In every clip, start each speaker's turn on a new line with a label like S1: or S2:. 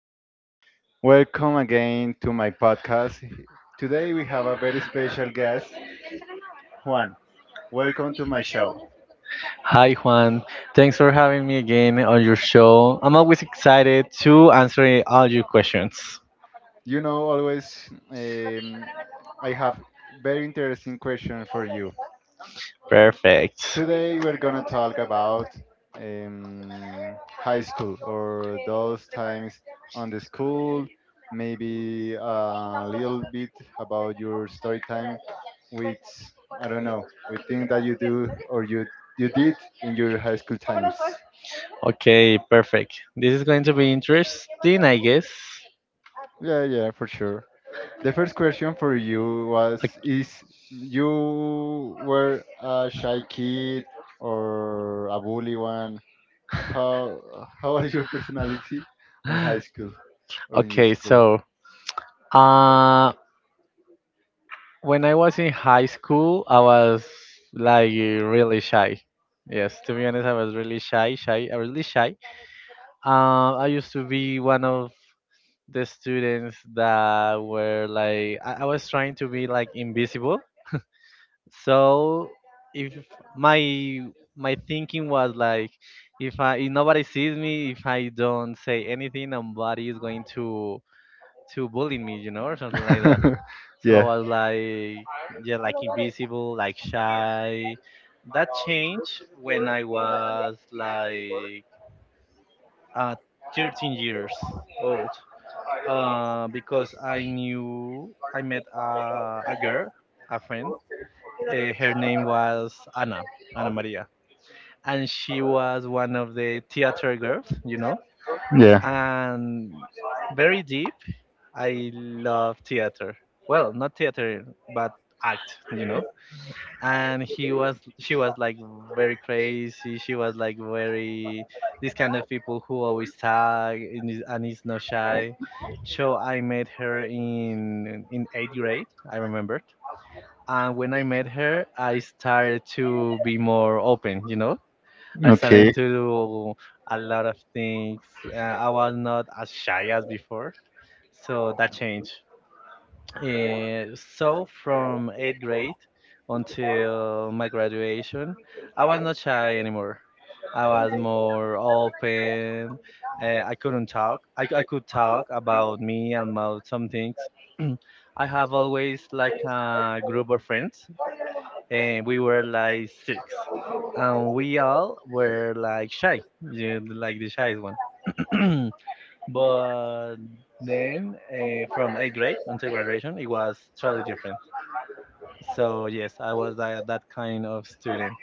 S1: everybody. Welcome again to my podcast. Today we have a very special guest, Juan. Welcome to my show.
S2: Hi, Juan. Thanks for having me again on your show. I'm always excited to answer all your questions.
S1: Always I have very interesting question for you.
S2: Perfect.
S1: Today we're gonna talk about high school or those times on the school, maybe a little bit about your story time with I don't know with things that you do or you did in your high school times.
S2: Okay, perfect. This is going to be interesting, I guess.
S1: Yeah, yeah, for sure. The first question for you was is you were a shy
S2: Ok-
S1: kid or a bully one. How are your personality on high school or in your
S2: Okay,
S1: school?
S2: so uh, when I was in high school, I was like really shy. Yes, to be honest, I was really really shy. I used to be one of the students that were like I was trying to be like invisible. So if my my thinking was like, if I if nobody sees me, if I don't say anything, nobody is going to bully me, you know, or something like that. So
S1: Yeah,
S2: I was like, yeah, like invisible, like shy. That changed when I was like uh, 13 years old because I knew I met a girl, a friend. Her name was Anna, Anna Maria, and she was one of the theater girls, you know,
S1: yeah.
S2: and very deep. I love theater. Well, not theater, but act, you know, and he was she was like very crazy. She was like very this kind of people who always talk and is not shy. So I met her in eighth grade, I remembered. And when I met her, I started to be more open, you know. I started
S1: Okay,
S2: to do a lot of things. I was not as shy as before, so that changed. Uh, so from eighth grade until my graduation, I was not shy anymore. I was more open. I couldn't talk. I could talk about me and about some things. I have always like a group of friends, and we were like six, and we all were like shy, yeah, like the shyest one. But then from eighth grade until graduation, it was totally different. So yes, I was that kind of student.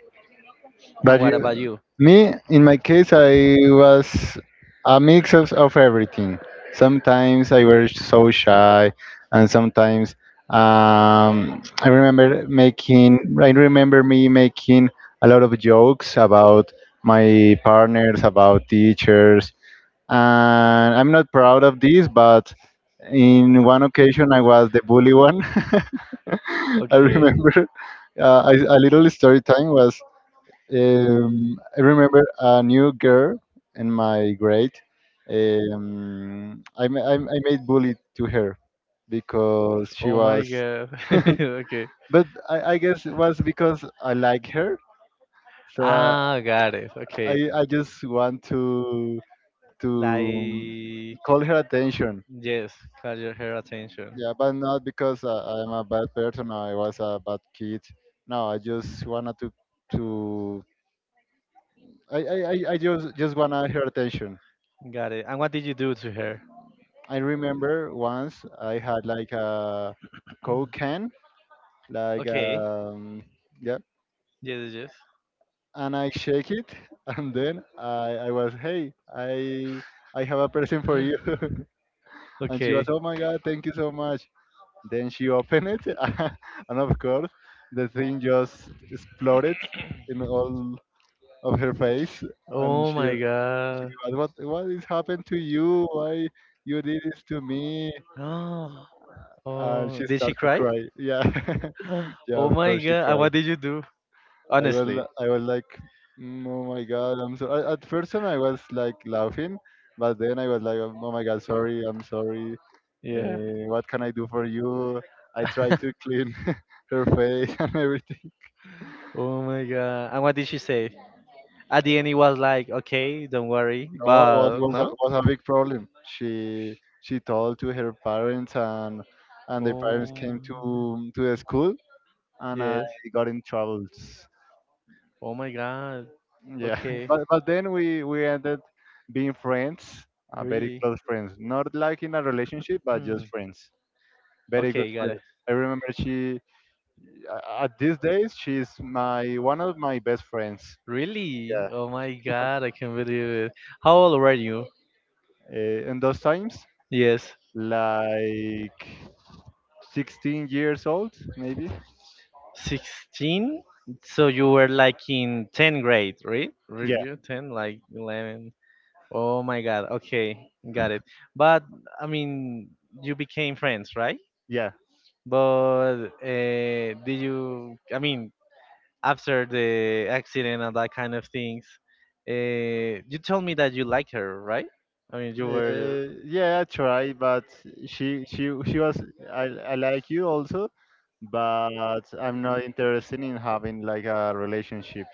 S2: And
S1: but you
S2: what about you?
S1: me, in my case, I was a mix of, everything. Sometimes I was so shy, and sometimes I remember me making a lot of jokes about my partners, about teachers, and I'm not proud of this, but in one occasion I was the bully one. I
S2: Okay.
S1: remember a little story time was I remember a new girl in my grade. I made bully to her because she
S2: Oh my
S1: was,
S2: god. Okay.
S1: but I guess it was because I like her. So I,
S2: Ah, got it.
S1: I,
S2: Okay.
S1: I just want to to um,
S2: Like
S1: call her attention.
S2: Yes, call your hair attention.
S1: Yeah, but not because I'm a bad person or I was a bad kid. No, I just wanted to I just wanna her attention.
S2: Got it. And what did you do to her?
S1: I remember once I had like a Coke can, like
S2: Okay.
S1: yeah,
S2: Yes, yes.
S1: and I shake it, and then I was, hey, I have a present for
S2: Yes.
S1: you, and she was,
S2: Okay.
S1: oh my god, thank you so much. Then she opened it, and of course the thing just exploded in all of her face, and
S2: Oh
S1: she
S2: my
S1: she
S2: god.
S1: was, what is happened to you? Why you did this to me?
S2: Oh,
S1: And
S2: oh.
S1: she
S2: Did she
S1: started to
S2: cry?
S1: cry. Yeah. Yeah,
S2: Oh
S1: of
S2: my
S1: course she
S2: god. And
S1: cried.
S2: what did you do? Honestly.
S1: I was like, "Mm, oh my god, I'm so." At first time I was like laughing, but then I was like, oh my god, sorry, I'm sorry.
S2: Yeah.
S1: What can I do for you? I tried to clean her face and everything.
S2: Oh my god. And what did she say? At the end, it was like, okay, don't worry.
S1: No, was
S2: But
S1: was a,
S2: no?
S1: was a big problem. She told to her parents, and the parents came
S2: Oh,
S1: to the school, and I
S2: yes.
S1: got in troubles.
S2: Oh my god.
S1: Yeah,
S2: Okay.
S1: but then we ended being friends, very
S2: Really?
S1: close friends. Not like in a relationship, but just
S2: Hmm.
S1: friends, very good
S2: Okay, got it.
S1: friends. I remember she at these days she's my one of my best friends. Yeah,
S2: Really? Oh my god, I can't believe it. How old were you?
S1: in those times,
S2: Yes.
S1: like 16 years old, maybe.
S2: 16? So you were like in 10th grade, right? Were
S1: Yeah,
S2: you 10, like 11? Oh my god, okay, got it. But, I mean, you became friends, right?
S1: yeah.
S2: But did you, I mean, after the accident and that kind of things, you told me that you like her, right? I mean, you were,
S1: Yeah, I tried, but she was, I like you also, but I'm not interested in having like a relationship.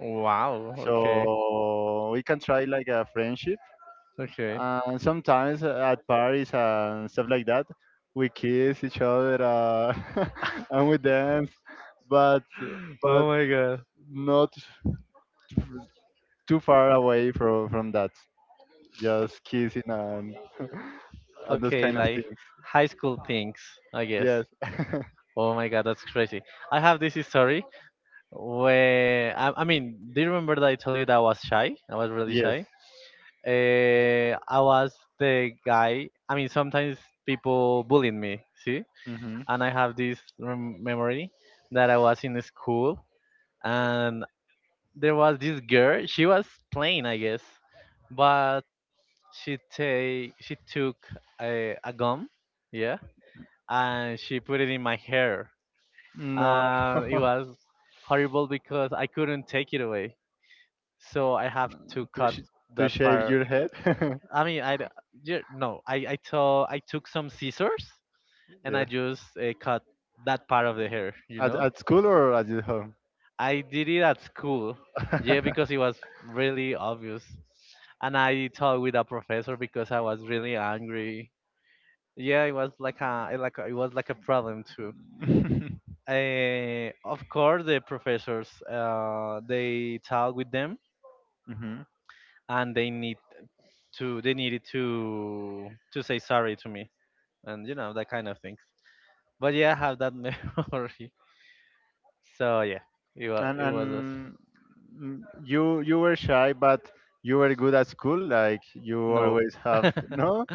S2: wow, okay,
S1: So we can try like a friendship,
S2: okay.
S1: and sometimes at parties and stuff like that, we kiss each other, and we dance, but
S2: Oh
S1: but
S2: my god.
S1: not too far away from that. Just kissing and and those
S2: Okay,
S1: kind of
S2: like
S1: things.
S2: high school things, I guess.
S1: Yes,
S2: Oh my god, that's crazy. I have this story where I mean, do you remember that I told you that I was shy? I was really
S1: yes.
S2: shy. I was the guy. I mean, sometimes people bullied me, see?
S1: Hmm.
S2: And I have this rem- memory that I was in school, and there was this girl. She was plain, I guess, but she took a gum, yeah, and she put it in my hair,
S1: No.
S2: and it was horrible because I couldn't take it away, so I have
S1: Mm,
S2: to
S1: To
S2: cut
S1: sh- to
S2: that
S1: shave
S2: part.
S1: your head?
S2: I mean, I d- yeah, no, I took I took some scissors, and I
S1: Yeah.
S2: just cut that part of the hair, you
S1: At
S2: know.
S1: at school or at your home?
S2: I did it at school, yeah, because it was really obvious, and I talked with a professor because I was really angry. Yeah, it was like a- it was like a problem too. Of course, the professors they talk with them,
S1: Hmm.
S2: and they needed to say sorry to me, and you know, that kind of things. But yeah, I have that memory. So yeah,
S1: And
S2: it was a s-
S1: and mm, you were shy, but you were good at school. Like you
S2: no,
S1: always have, no.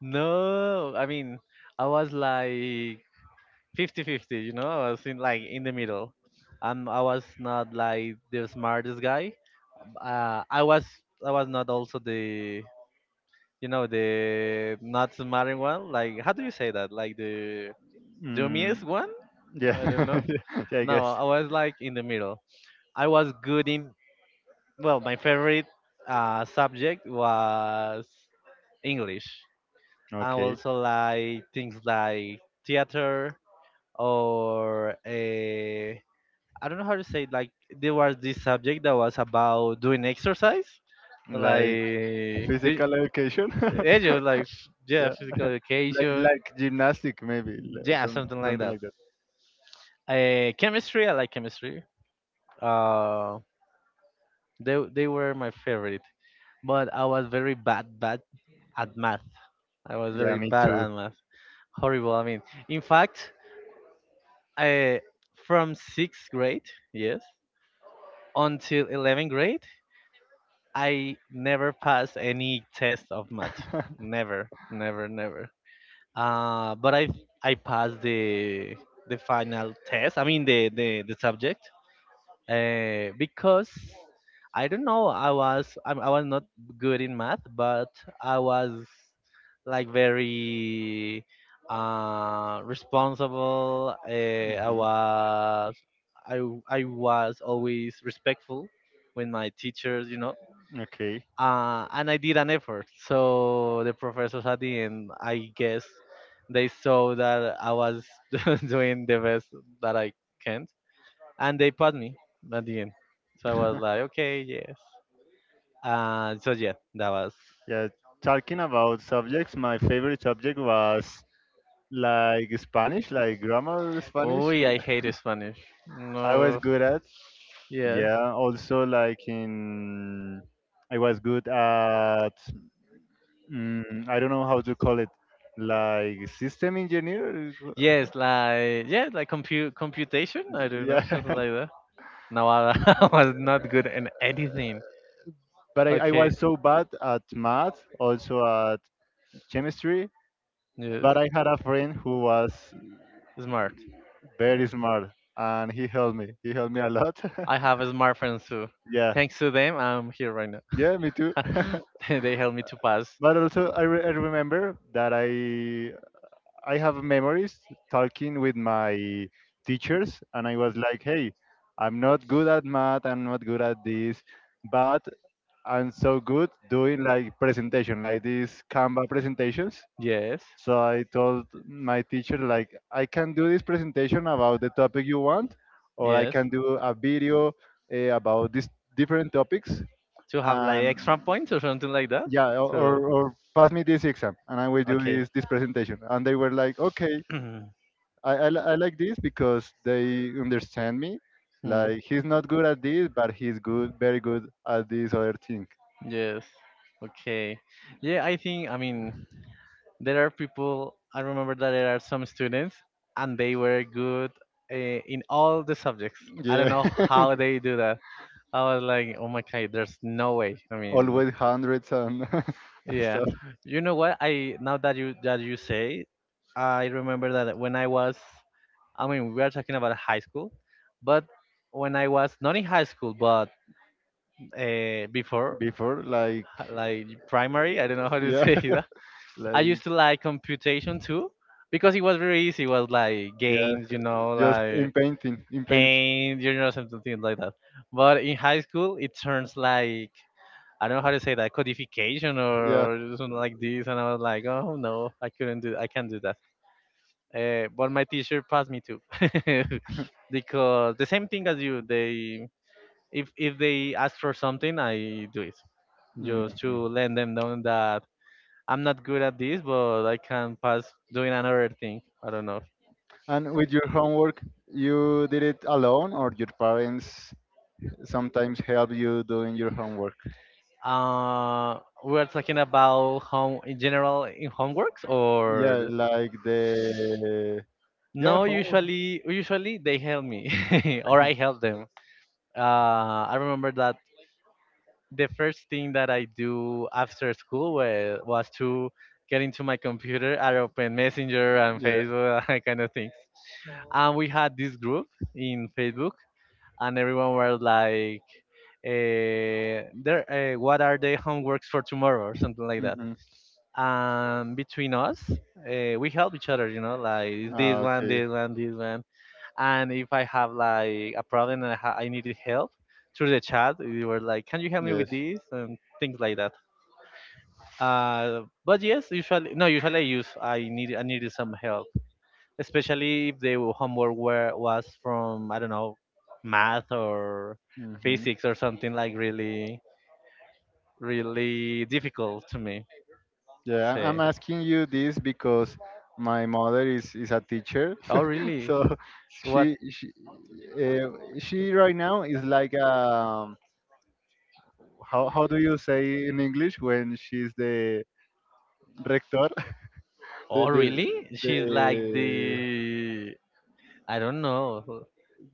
S2: no. I mean, I was like 50-50. You know, I was in like in the middle. I was not like the smartest guy, uh, I was I was not also the you know, the not smart one. Like how do you say that? Like the dummiest
S1: Mm,
S2: one?
S1: yeah.
S2: I don't know.
S1: Yeah, I
S2: No,
S1: guess.
S2: I was like in the middle. I was good in well, my favorite subject was English. I
S1: Okay,
S2: also like things like theater or I don't know how to say it, like there was this subject that was about doing exercise. Like
S1: like
S2: do,
S1: physical education.
S2: edu like f- yeah,
S1: Yeah,
S2: physical
S1: like
S2: education.
S1: gymnastic maybe, like
S2: Yeah,
S1: some,
S2: something like
S1: something
S2: that.
S1: like that.
S2: Uh, chemistry, I like chemistry. uh they were my favorite, but I was very bad at math. I was
S1: Yeah,
S2: very
S1: me
S2: bad
S1: too.
S2: at math. Horrible, I mean, in fact, I, from sixth grade, yes, until 11th grade, I never passed any test of math. Never, never, never. But I passed the final test. I mean the subject, because I don't know. I was not good in math, but I was like very responsible. I
S1: Mhm.
S2: was i I was always respectful with my teachers, you know.
S1: Okay.
S2: And I did an effort. So the professors at the end, I guess, they saw that I was doing the best that I can, and they passed me at the end. So I was like, okay, yes. So yeah, that was.
S1: Yeah, talking about subjects, my favorite subject was like Spanish, like grammar
S2: Oh,
S1: Spanish.
S2: I hate Spanish.
S1: I was
S2: No.
S1: good at.
S2: Yes.
S1: Yeah, also like in I was good at I don't know how to call it, like system engineer.
S2: Yes, like yeah, like compute computation. I don't know, something
S1: Yeah,
S2: like that. Nawara was not good in anything.
S1: but I
S2: Okay.
S1: was so bad at math, also at chemistry.
S2: Yes.
S1: But I had a friend who was
S2: Smart.
S1: very smart, and he helped me. He helped me a lot.
S2: I have a smart friends too.
S1: Yeah.
S2: Thanks to them, I'm here right now.
S1: Yeah, me too.
S2: They helped me to pass.
S1: But also, I remember that I have memories talking with my teachers, and I was like, "Hey, I'm not good at math. I'm not good at this, but I'm so good doing like presentation, like these Canva presentations."
S2: Yes.
S1: So I told my teacher like, "I can do this presentation about the topic you want, or I
S2: Yes.
S1: can do a video about these different topics."
S2: To have like
S1: And
S2: extra points or something like that.
S1: yeah, or,
S2: So,
S1: or or pass me this exam, and I will do
S2: okay.
S1: this presentation, and they were like, okay. I like this because they understand me,
S2: Hmm.
S1: like he's not good at this, but he's good very good at this other thing.
S2: Yes. Okay. Yeah, I think. I mean, there are people, I remember that there are some students, and they were good in all the subjects. I don't
S1: Yeah.
S2: know how they do that. I was like, oh my god, there's no way. I mean,
S1: Always hundreds and and
S2: yeah,
S1: stuff.
S2: you know what, I now that you say, I remember that when I was, I mean, we are talking about high school, but when I was not in high school, but before,
S1: Before like
S2: like primary, I don't know how to
S1: yeah,
S2: say. I
S1: like
S2: used to like computation too because it was very easy. It was like
S1: yeah,
S2: games, you know,
S1: just
S2: like
S1: in paint.
S2: paint, you know, something like that. But in high school, it turns like I don't know how to say that, codification
S1: Yeah.
S2: or something like this, and I was like, oh no, I can't do that. But my teacher passed me too because the same thing as you, they, if they ask for something, I do it just to
S1: Mhm.
S2: let them know that I'm not good at this, but I can pass doing another thing. I don't know.
S1: And with your homework, you did it alone, or your parents sometimes help you doing your homework?
S2: We're talking about home in general in homeworks or
S1: Yeah,
S2: the-
S1: like the yeah
S2: no?
S1: homework.
S2: Usually they help me or I help them. I remember that the first thing that I do after school was to get into my computer. I open Messenger and
S1: Yeah.
S2: Facebook, that kind of things. And we had this group in Facebook, and everyone were like, what are the homeworks for tomorrow or something like that.
S1: Hmm.
S2: And between us, we help each other, you know, like this
S1: Ah,
S2: one,
S1: okay.
S2: this one, this one. And if I have like a problem and I, ha- I needed help through the chat, we were like, can you help me with
S1: Yes.
S2: this and things like that. But yes, usually no, usually I use I need I needed some help, especially if the was from, I don't know, math or
S1: Hmm.
S2: physics or something like really really difficult to me.
S1: Yeah, I'm
S2: Say,
S1: asking you this because my mother is a teacher,
S2: oh really?
S1: so
S2: What?
S1: she she uh, she right now is like how do you say in English when she's the rector, the
S2: Oh
S1: the
S2: really?
S1: the
S2: She's like the I don't know.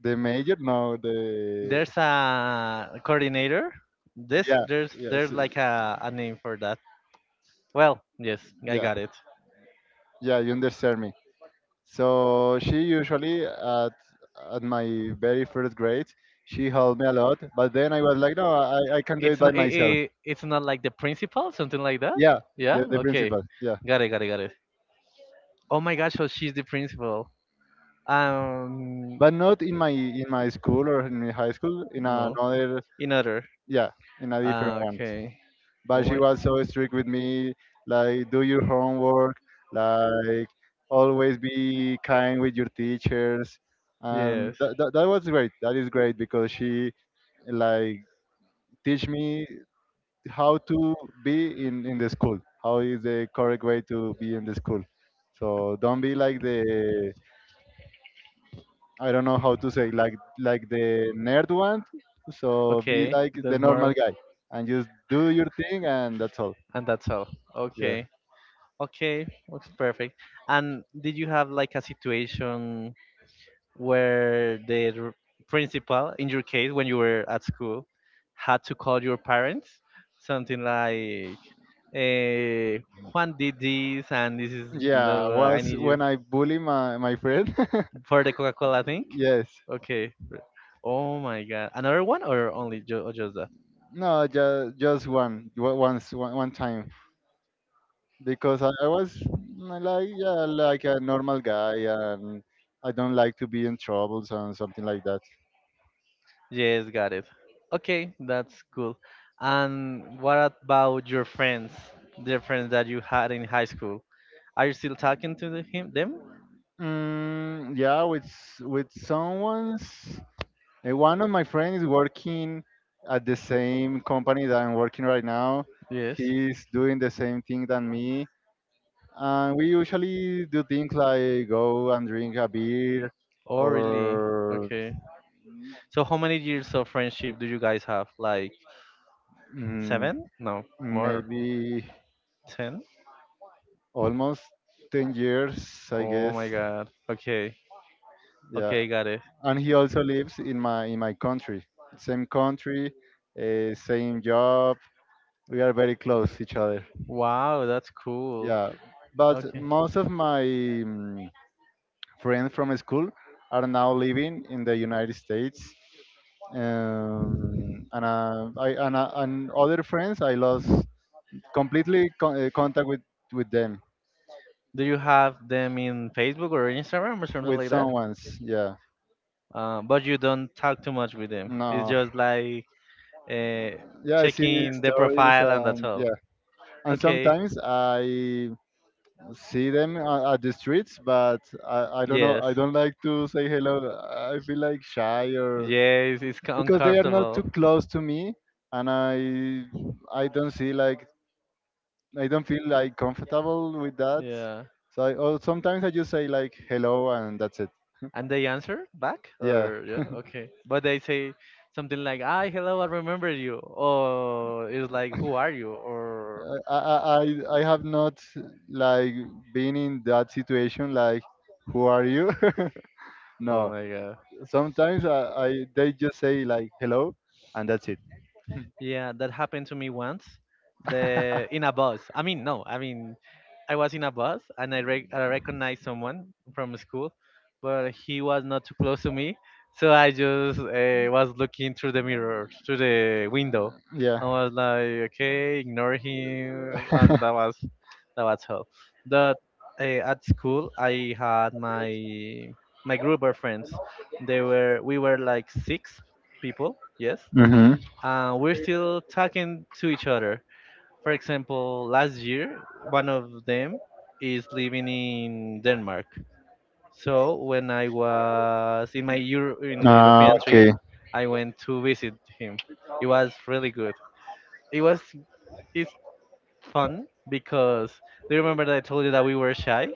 S1: the major? No, the
S2: There's a coordinator. This
S1: yeah,
S2: There's
S1: yes,
S2: like a name for that. Well, yes, I
S1: yeah,
S2: got it.
S1: yeah, you understand me. So she usually at my very first grade, she helped me a lot. But then I was like, no, I can do it
S2: It's
S1: by
S2: not.
S1: myself.
S2: It's not like the principal, something like that.
S1: Yeah, the
S2: Yeah. Okay.
S1: principal. Yeah,
S2: Got it. Got it. Got it. Oh my gosh. So she's the principal. Um.
S1: but not in my in my school or in my high school. In
S2: No.
S1: another,
S2: In other.
S1: yeah, in a different
S2: Ah.
S1: one.
S2: Okay. Oh
S1: But she
S2: my.
S1: was so strict with me, like do your homework, like always be kind with your teachers, and
S2: Yes.
S1: that was great. That is great because she like teach me how to be in the school, how is the correct way to be in the school, so don't be like the I don't know how to say, like the nerd one, so be
S2: Okay.
S1: like the
S2: That's
S1: normal
S2: more.
S1: guy and just do your thing, and that's all.
S2: And that's all.
S1: Yeah.
S2: Okay. Okay. Looks perfect. And did you have like a situation where the r- principal, in your case, when you were at school, had to call your parents, something like, eh, Juan did this, and this is,
S1: Yeah,
S2: no, I
S1: was
S2: need you
S1: when I bully my friend.
S2: for the Coca Cola thing?
S1: Yes.
S2: Okay. Oh my God. Another one or only ju- or just that?
S1: No, just once, one time, because I was like yeah, like a normal guy, and I don't like to be in troubles and something like that.
S2: Yes, got it. Okay, that's cool. And what about your friends, the friends that you had in high school? Are you still talking to the, him, them?
S1: Yeah, with someone's. One of my friends is working at the same company that I'm working right now.
S2: Yes.
S1: He's doing the same thing than me, and we usually do things like go and drink a beer
S2: Oh, really?
S1: or
S2: Okay. So how many years of friendship do you guys have? Like
S1: mm,
S2: seven? No, more.
S1: maybe
S2: Ten?
S1: almost 10 years, I
S2: Oh
S1: guess.
S2: my God. Okay.
S1: Yeah,
S2: Okay, got it.
S1: and he also lives in my country, same country, same job, we are very close to each other.
S2: Wow, that's cool.
S1: Yeah, but
S2: Okay.
S1: most of my friends from school are now living in the United States, and other friends I lost completely contact with them.
S2: Do you have them in Facebook or Instagram or something
S1: With
S2: like that?
S1: someone's, yeah.
S2: But you don't talk too much with them. It's
S1: No.
S2: just like uh,
S1: Yeah, I see
S2: checking the
S1: stories,
S2: profile and that's
S1: and
S2: all.
S1: yeah, and
S2: Okay.
S1: sometimes I see them at the streets, but I don't know.
S2: Yes.
S1: I don't like to say hello. I feel like shy, or
S2: Yes, it's
S1: because they are not
S2: uncomfortable.
S1: too close to me, and I don't see like I don't feel like comfortable with that.
S2: Yeah.
S1: So or sometimes I just say like hello, and that's it.
S2: And they answer back
S1: Yeah,
S2: or yeah, okay. But they say something like, "Ah, hello, I remember you." Or it's like, "Who are you?" Or
S1: I have not like been in that situation like, who are you?
S2: oh
S1: No,
S2: my god.
S1: sometimes I they just say like hello, and that's it.
S2: Yeah, that happened to me once. The In a bus. I mean, no, I mean, I was in a bus and I recognized someone from school, but he was not too close to me, so I just was looking through the mirror, through the window.
S1: Yeah.
S2: I was like, okay, ignore him, and that was all. But at school, I had my group of friends. They were we were like six people. Yes.
S1: Mm-hmm.
S2: We're still talking to each other. For example, last year, one of them is living in Denmark. So when I was in my in my
S1: Ah,
S2: European trip,
S1: okay.
S2: I went to visit him. It was really good. It was it's fun because do you remember that I told you that we were shy?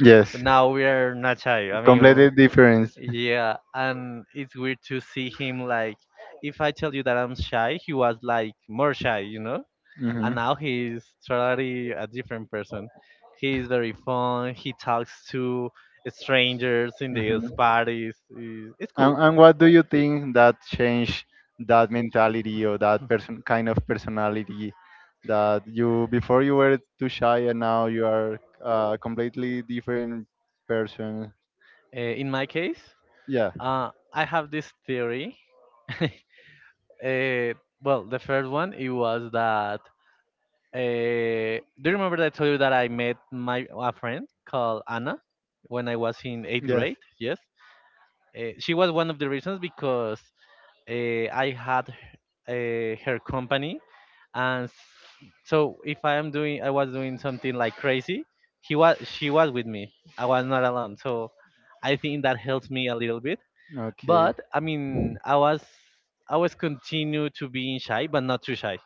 S1: Yes.
S2: Now we are not shy. I mean,
S1: Completely different.
S2: yeah, and it's weird to see him like if I tell you that I'm shy, he was like more shy, you know?
S1: Mm-hmm.
S2: And now he's totally a different person. He's very fun. He talks to strangers in the
S1: Mm-hmm.
S2: parties. It's
S1: And,
S2: cool.
S1: and what do you think that changed that mentality or that person kind of personality, that you before you were too shy and now you are a completely different person?
S2: In my case,
S1: Yeah.
S2: I have this theory. uh, well, the first one it was that. Do you remember that I told you that I met my a friend called Anna when I was in eighth
S1: Yes.
S2: grade? Yes. She was one of the reasons because I had her company, and so if I was doing something like crazy, she was with me. I was not alone, so I think that helps me a little bit.
S1: Okay.
S2: But I mean, I was continue to being shy, but not too shy.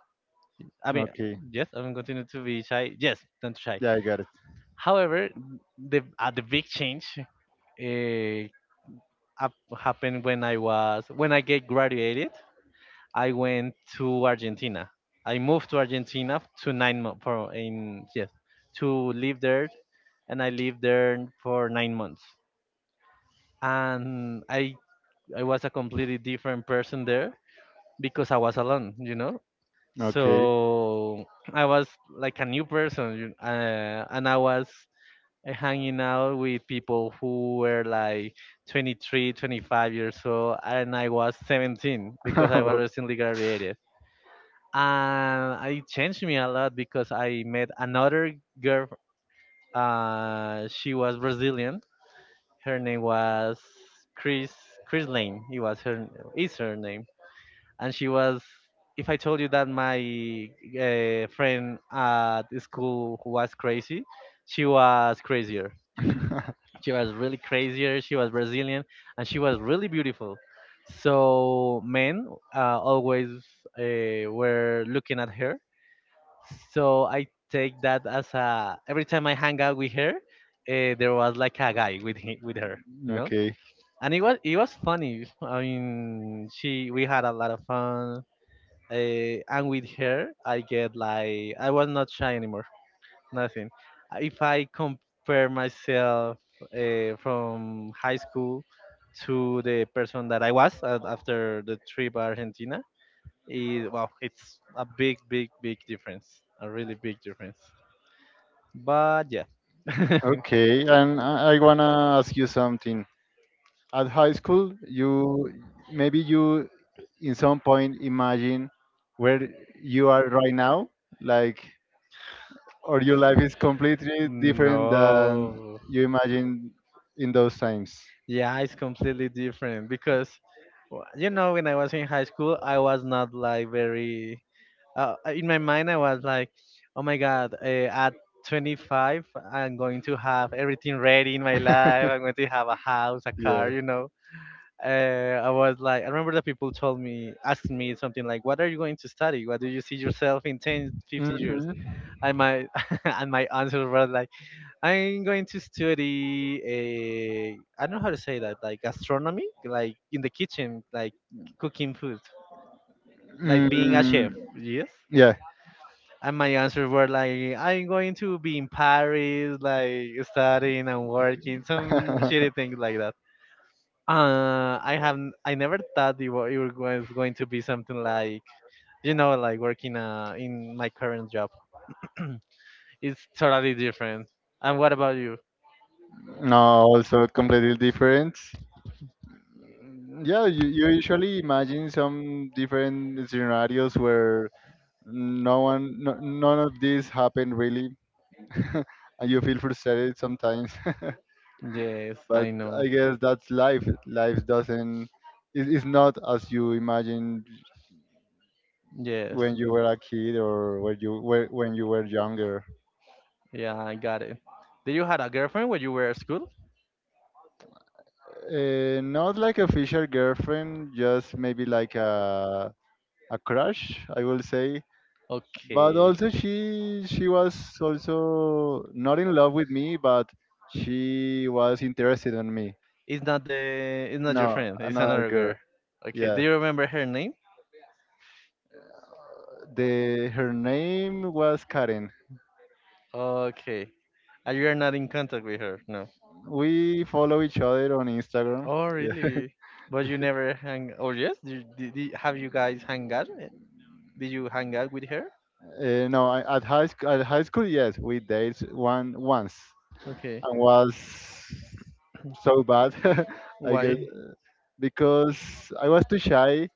S2: I mean,
S1: Okay.
S2: yes, I'm continue to be shy. Yes, not too shy.
S1: Yeah, I got it.
S2: However, the big change happened when I was when I get graduated. I went to Argentina. I moved to Argentina, to nine mo- for in yes, to live there, and I lived there for 9 months. And I was a completely different person there because I was alone.
S1: Okay.
S2: So I was like a new person, and I was hanging out with people who were like 23, 25 years old, and I was 17 because I was recently graduated. And I changed me a lot because I met another girl. She was Brazilian. Her name was Chris Chris Lane. It was her is her name, and she was. If I told you that my friend at school who was crazy, she was crazier. She was really crazier. She was Brazilian, and she was really beautiful. So men always were looking at her so I take that as a every time I hang out with her, there was like a guy with her, you know.
S1: Okay.
S2: And it was funny. I mean, she we had a lot of fun. And with her, I get like I was not shy anymore. Nothing. If I compare myself from high school to the person that I was at, after the trip Argentina, is well, it's a big, big, big difference. A really big difference. But yeah.
S1: Okay, and I wanna ask you something. At high school, you in some point imagine where you are right now, like, or your life is completely different than
S2: No.
S1: you imagined in those times.
S2: Yeah, it's completely different because, when I was in high school, I was not like very. In my mind, I was like, oh my God, at 25, I'm going to have everything ready in my life. I'm going to have a house, a car,
S1: Yeah.
S2: you know. Uh, I was I remember that people asked me something like, what are you going to study? What do you see yourself in 10, 15 years?
S1: Hmm.
S2: I might and my answer was like, I'm going to study a I don't know how to say that, like gastronomy, like in the kitchen, like cooking food, like being a
S1: Mm,
S2: chef. Yes.
S1: yeah.
S2: And my answers were like, I'm going to be in Paris, like studying and working, some shitty things like that. I never thought it was going to be something like working in my current job. It's totally different. And what about you?
S1: No, also completely different. Yeah, you usually imagine some different scenarios where no one, no, none of this happened really. And you feel frustrated sometimes.
S2: Yes,
S1: But
S2: I
S1: I
S2: know.
S1: guess that's life life doesn't, it's not as you imagined
S2: Yes.
S1: when you were a kid, or when you were younger.
S2: Yeah, I got it. Did you had a girlfriend when you were at school?
S1: Not like official girlfriend, just maybe like a crush, I will say. But
S2: Okay.
S1: also she was also not in love with me, but she was interested in me.
S2: It's not your
S1: No,
S2: friend, it's
S1: another
S2: another
S1: girl.
S2: girl. Okay.
S1: Yeah.
S2: Do you remember her name?
S1: The Her name was Karen.
S2: Okay. And you are not in contact with her, no.
S1: We follow each other on Instagram.
S2: Oh
S1: Yeah.
S2: really? But you never hang, oh yes? Have you guys hang out? Did you hang out with her?
S1: No, I, at high school, At high school, yes, we dated one once
S2: Okay.
S1: and was so bad, I guess,
S2: Why?
S1: because I was too shy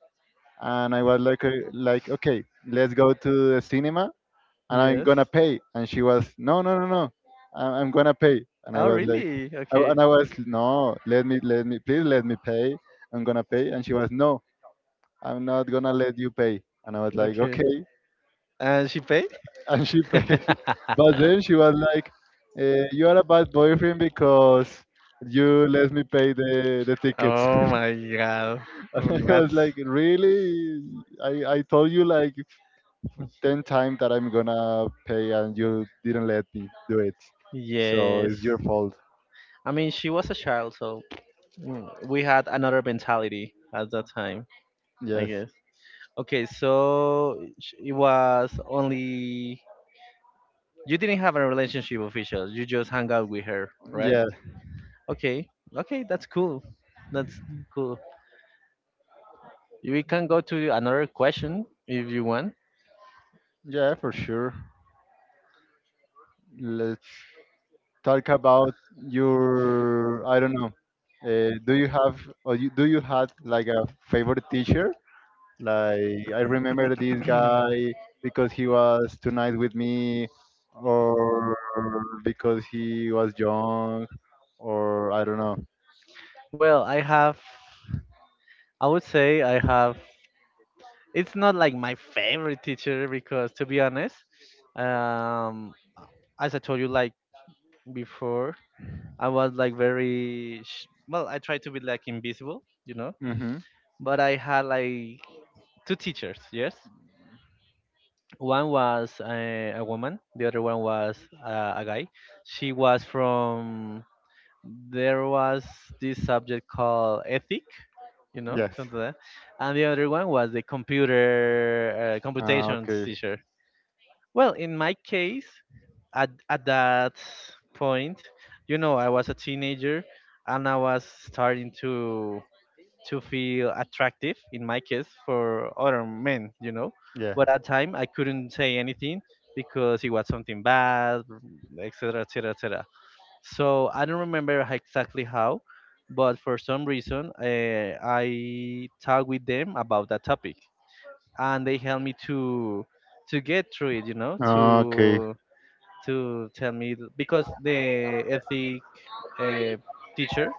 S1: and I was like, okay, let's go to the cinema and I'm
S2: Yes.
S1: gonna pay, and she was, no, no, no, no, I'm gonna pay, and I
S2: Oh
S1: was like,
S2: really? Okay.
S1: I was, no, let me, please let me pay, I'm gonna pay, and she was, no, I'm not gonna let you pay. And I was like,
S2: Okay.
S1: okay.
S2: And she paid?
S1: And she paid. But then she was like, you are a bad boyfriend because you let me pay the tickets.
S2: Oh my god. Mm,
S1: And I was
S2: that's
S1: like, really? I told you like 10 times that I'm gonna pay and you didn't let me do it. So
S2: yes.
S1: it's your fault.
S2: I mean, she was a child, so we had another mentality at that time, I
S1: Yes.
S2: guess. Okay, so it was only you didn't have a relationship official. You just hung out with her, right?
S1: Yeah.
S2: Okay. Okay, that's cool. That's cool. We can go to another question if you want.
S1: Yeah, for sure. Let's talk about your I don't know. Do you have or do you had like a favorite teacher? Like I remember this guy because he was too nice with me, or because he was young, or I don't know.
S2: Well, I would say I have, it's not like my favorite teacher because to be honest, um as I told you, like, before, I was like very well, I tried to be like invisible,
S1: Hmm.
S2: but I had like two teachers, yes. One was a woman, the other one was a guy. She was from, there was this subject called ethic,
S1: Yes.
S2: something like that, and the other one was the computer
S1: Ah,
S2: computations
S1: okay.
S2: teacher. Well, in my case, at that point, you know, I was a teenager and I was starting to feel attractive in my case for other men.
S1: Yeah.
S2: But at time I couldn't say anything because it was something bad, etc., etc., etc. So I don't remember exactly how, but for some reason, I talked with them about that topic and they helped me to get through it you know
S1: Okay.
S2: to to tell me because the ethic uh, teacher,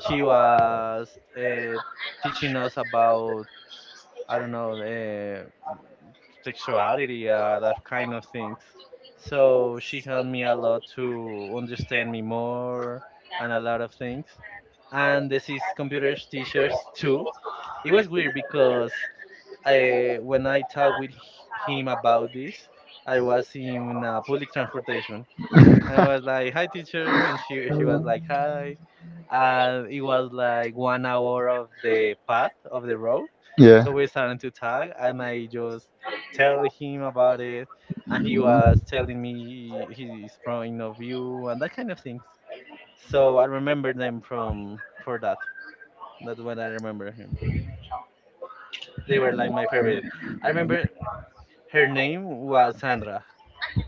S2: she was uh, teaching us about, I don't know, sexuality, that kind of things, so she helped me a lot to understand me more and a lot of things. And this is computers teachers too, it was weird because when I talked with him about this, I was in public transportation. I was like, "Hi, teacher," and she was like, "Hi." And it was like 1 hour of the path of the road,
S1: Yeah.
S2: so we started to talk, and I just tell him about it, and he was telling me his point of view and that kind of things. So I remember them from for that. That's what I remember him. They were like my favorite. I remember her name was Sandra,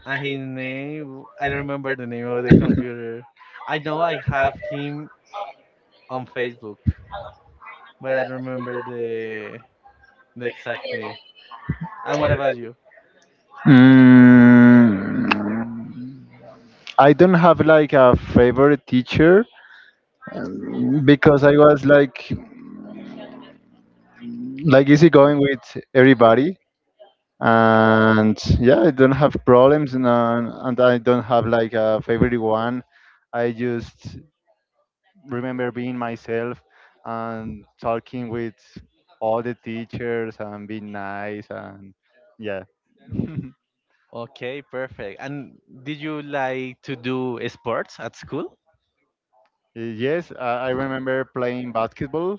S2: and his name, I don't remember the name of the computer. I know I have him on Facebook, but I don't remember the exact name. And what about you?
S1: Mm, I don't have like a favorite teacher because I was like easy going with everybody, and yeah, I don't have problems, and and I don't have like a favorite one. I just remember being myself and talking with all the teachers and being nice and yeah.
S2: Okay, perfect. And did you like to do sports at school?
S1: Yes, I remember playing basketball.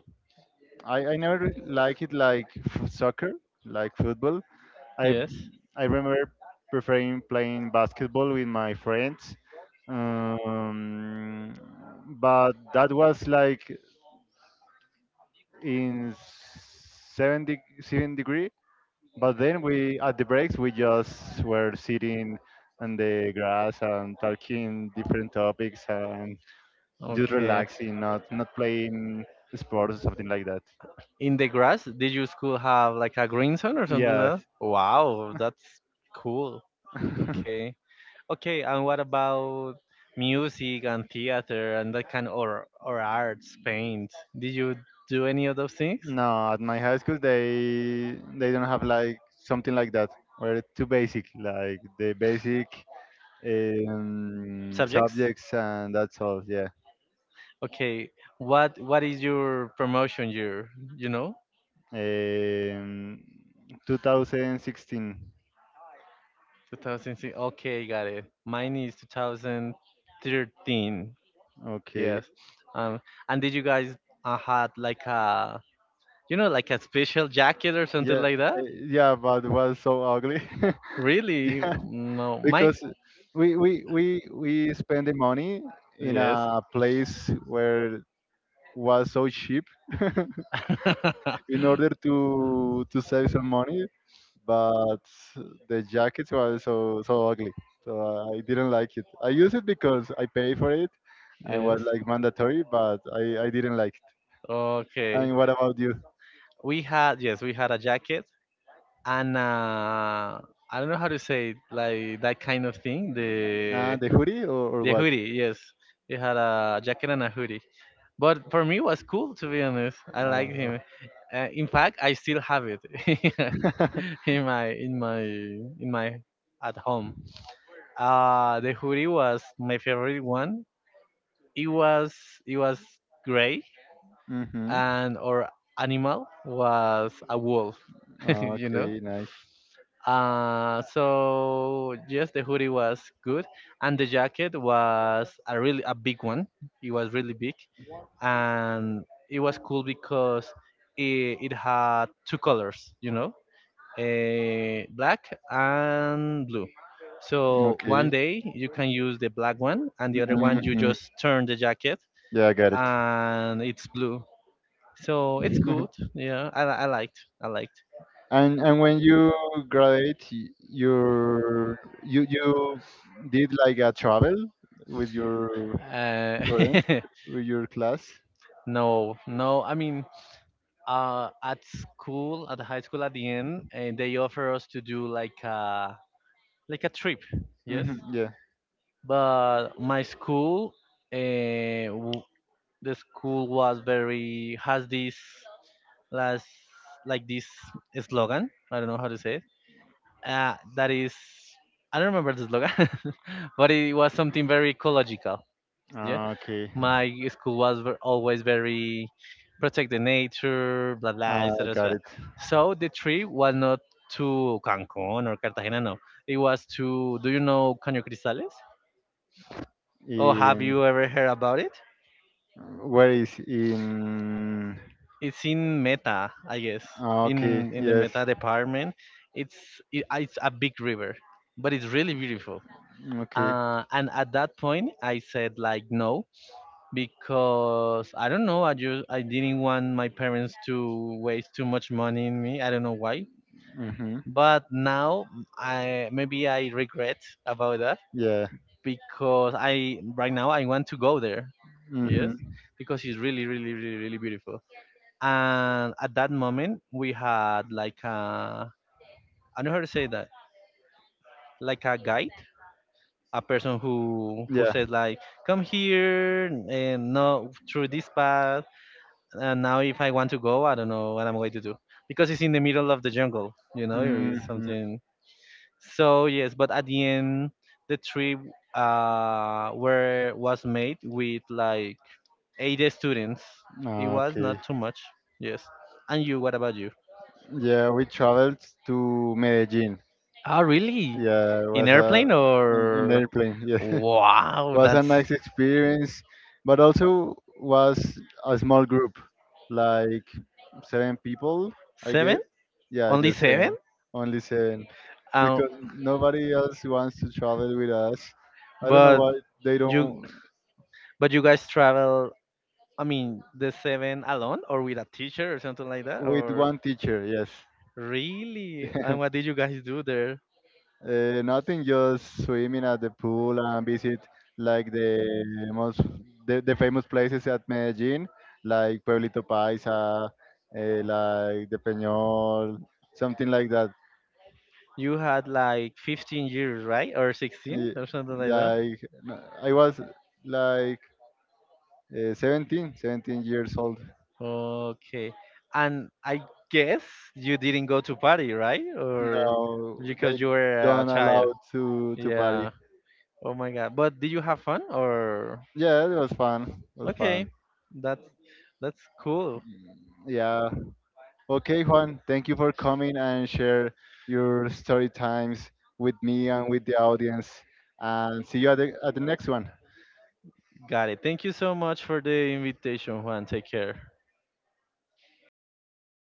S1: I never like it like soccer, like football. I
S2: Yes.
S1: I remember preferring playing basketball with my friends, um, but that was like in seven degree. But then we at the breaks we just were sitting on the grass and talking different topics, and just
S2: Okay.
S1: relaxing, not playing sports or something like that.
S2: In the grass, did your school have like a green zone or something like that?
S1: Yes.
S2: Wow, that's cool. Okay. Okay, and what about music and theater and that kind or arts, paint? Did you do any of those things?
S1: No, at my high school they don't have like something like that. We're too basic, like the basic
S2: Subjects?
S1: subjects, and that's all. Yeah.
S2: Okay, what is your promotion year? You know,
S1: Um, 2016.
S2: 2006. Okay, got it. Mine is 2013.
S1: Okay.
S2: Yes. Um, and did you guys had like a special jacket or something
S1: Yeah.
S2: like that?
S1: Yeah, but it was so ugly.
S2: Really?
S1: Yeah,
S2: No, mine.
S1: because we spend the money in
S2: Yes.
S1: a place where was so cheap.
S2: in place in
S1: In
S2: order
S1: order to save some money,
S2: for.
S1: but the jackets were so so ugly. So I didn't like it. I used it because I paid for it and was
S2: Yes.
S1: like mandatory, but I didn't like it.
S2: Okay.
S1: And what about you?
S2: We had, yes, we had a jacket, and I don't know how to say it, like that kind of thing. The
S1: The hoodie, or
S2: the
S1: what?
S2: hoodie, yes. We had a jacket and a hoodie. But for me, it was cool to be honest. I liked
S1: Uh,
S2: him. In fact, I still have it in my in my in my at home. The hoodie was my favorite one. It was it was gray,
S1: mhm.
S2: and our animal was a wolf. You know.
S1: Okay, nice.
S2: So yes, the hoodie was good, and the jacket was a really a big one. It was really big, and it was cool because it had two colors. Black and blue. So one
S1: Okay.
S2: day you can use the black one, and the other one you
S1: Hmm.
S2: just turn the jacket,
S1: Yeah, I got it.
S2: and it's blue. So it's good. Yeah, I liked. I liked.
S1: And when you graduate, you did like a travel with your
S2: Uh,
S1: friends, with your class.
S2: no, no. I mean, at school, at the high school, at the end, they offer us to do like a trip. Yes,
S1: Hmm, yeah.
S2: but my school, uh, w- the school was very has this las like this slogan. I don't know how to say it. That is, I don't remember the slogan, but it was something very ecological. Yeah,
S1: Ah, okay.
S2: my school was always very protect the nature, blah blah,
S1: Ah,
S2: etc.
S1: got
S2: etc.
S1: it.
S2: So the trip was not to Cancun or Cartagena. No, it was to. Do you know Caño Cristales? Or have
S1: In
S2: you ever heard about it?
S1: where is in?
S2: It's in meta, I guess,
S1: Ah, okay.
S2: in the
S1: Yes.
S2: meta department. It's it, it's a big river, but it's really beautiful.
S1: Okay.
S2: And at that point I said like no, because I don't know, I just I didn't want my parents to waste too much money in me, I don't know why.
S1: Mhm.
S2: But now I, maybe I regret about that,
S1: Yeah.
S2: because I, right now I want to go there. Yes,
S1: Mhm.
S2: because it's really really really really beautiful. And at that moment we had like a, I do don't know how to say that, like a guide, a person who
S1: Yeah.
S2: said like come here and no through this path. And now if I want to go I don't know what I'm going to do because it's in the middle of the jungle, it's
S1: Mhm.
S2: something. So yes, but at the end the trip where was made with like eight students. It was not
S1: Okay.
S2: too much. Yes. And you what about you?
S1: Yeah, we traveled to Medellin.
S2: Ah, really?
S1: Yeah, it
S2: In
S1: was a
S2: airplane
S1: an in
S2: or?
S1: airplane. Yeah.
S2: Wow,
S1: Was a
S2: that's
S1: nice experience, but also was a small group, like seven people, I
S2: seven?
S1: guess. Yeah,
S2: Only
S1: just
S2: seven?
S1: seven, only seven,
S2: Um,
S1: because nobody else wants to travel with us. I don't know
S2: but
S1: why they
S2: you
S1: don't.
S2: but you guys travel. I mean, the seven alone or with a teacher or something like that,
S1: With
S2: or
S1: one teacher. Yes.
S2: really? And what did you guys do there?
S1: Nothing, just swimming at the pool and visit like most the famous places at Medellin, like Pueblito Paisa, like the Peñol, something like that.
S2: You had like 15 years, right, or 16
S1: Eh,
S2: or something like that.
S1: Like I was like 17 years old.
S2: Okay, and I guess you didn't go to party, right, or
S1: No, they
S2: because you were a
S1: don't
S2: child.
S1: allow to
S2: Yeah.
S1: party.
S2: Oh my god. But did you have fun or
S1: Yeah, it was fun. It was fun.
S2: okay. That's that's cool.
S1: Yeah. Okay, Juan, thank you for coming and share your story times with me and with the audience. And see you at at the next one.
S2: Got it. Thank you so much for the invitation, Juan. Take care.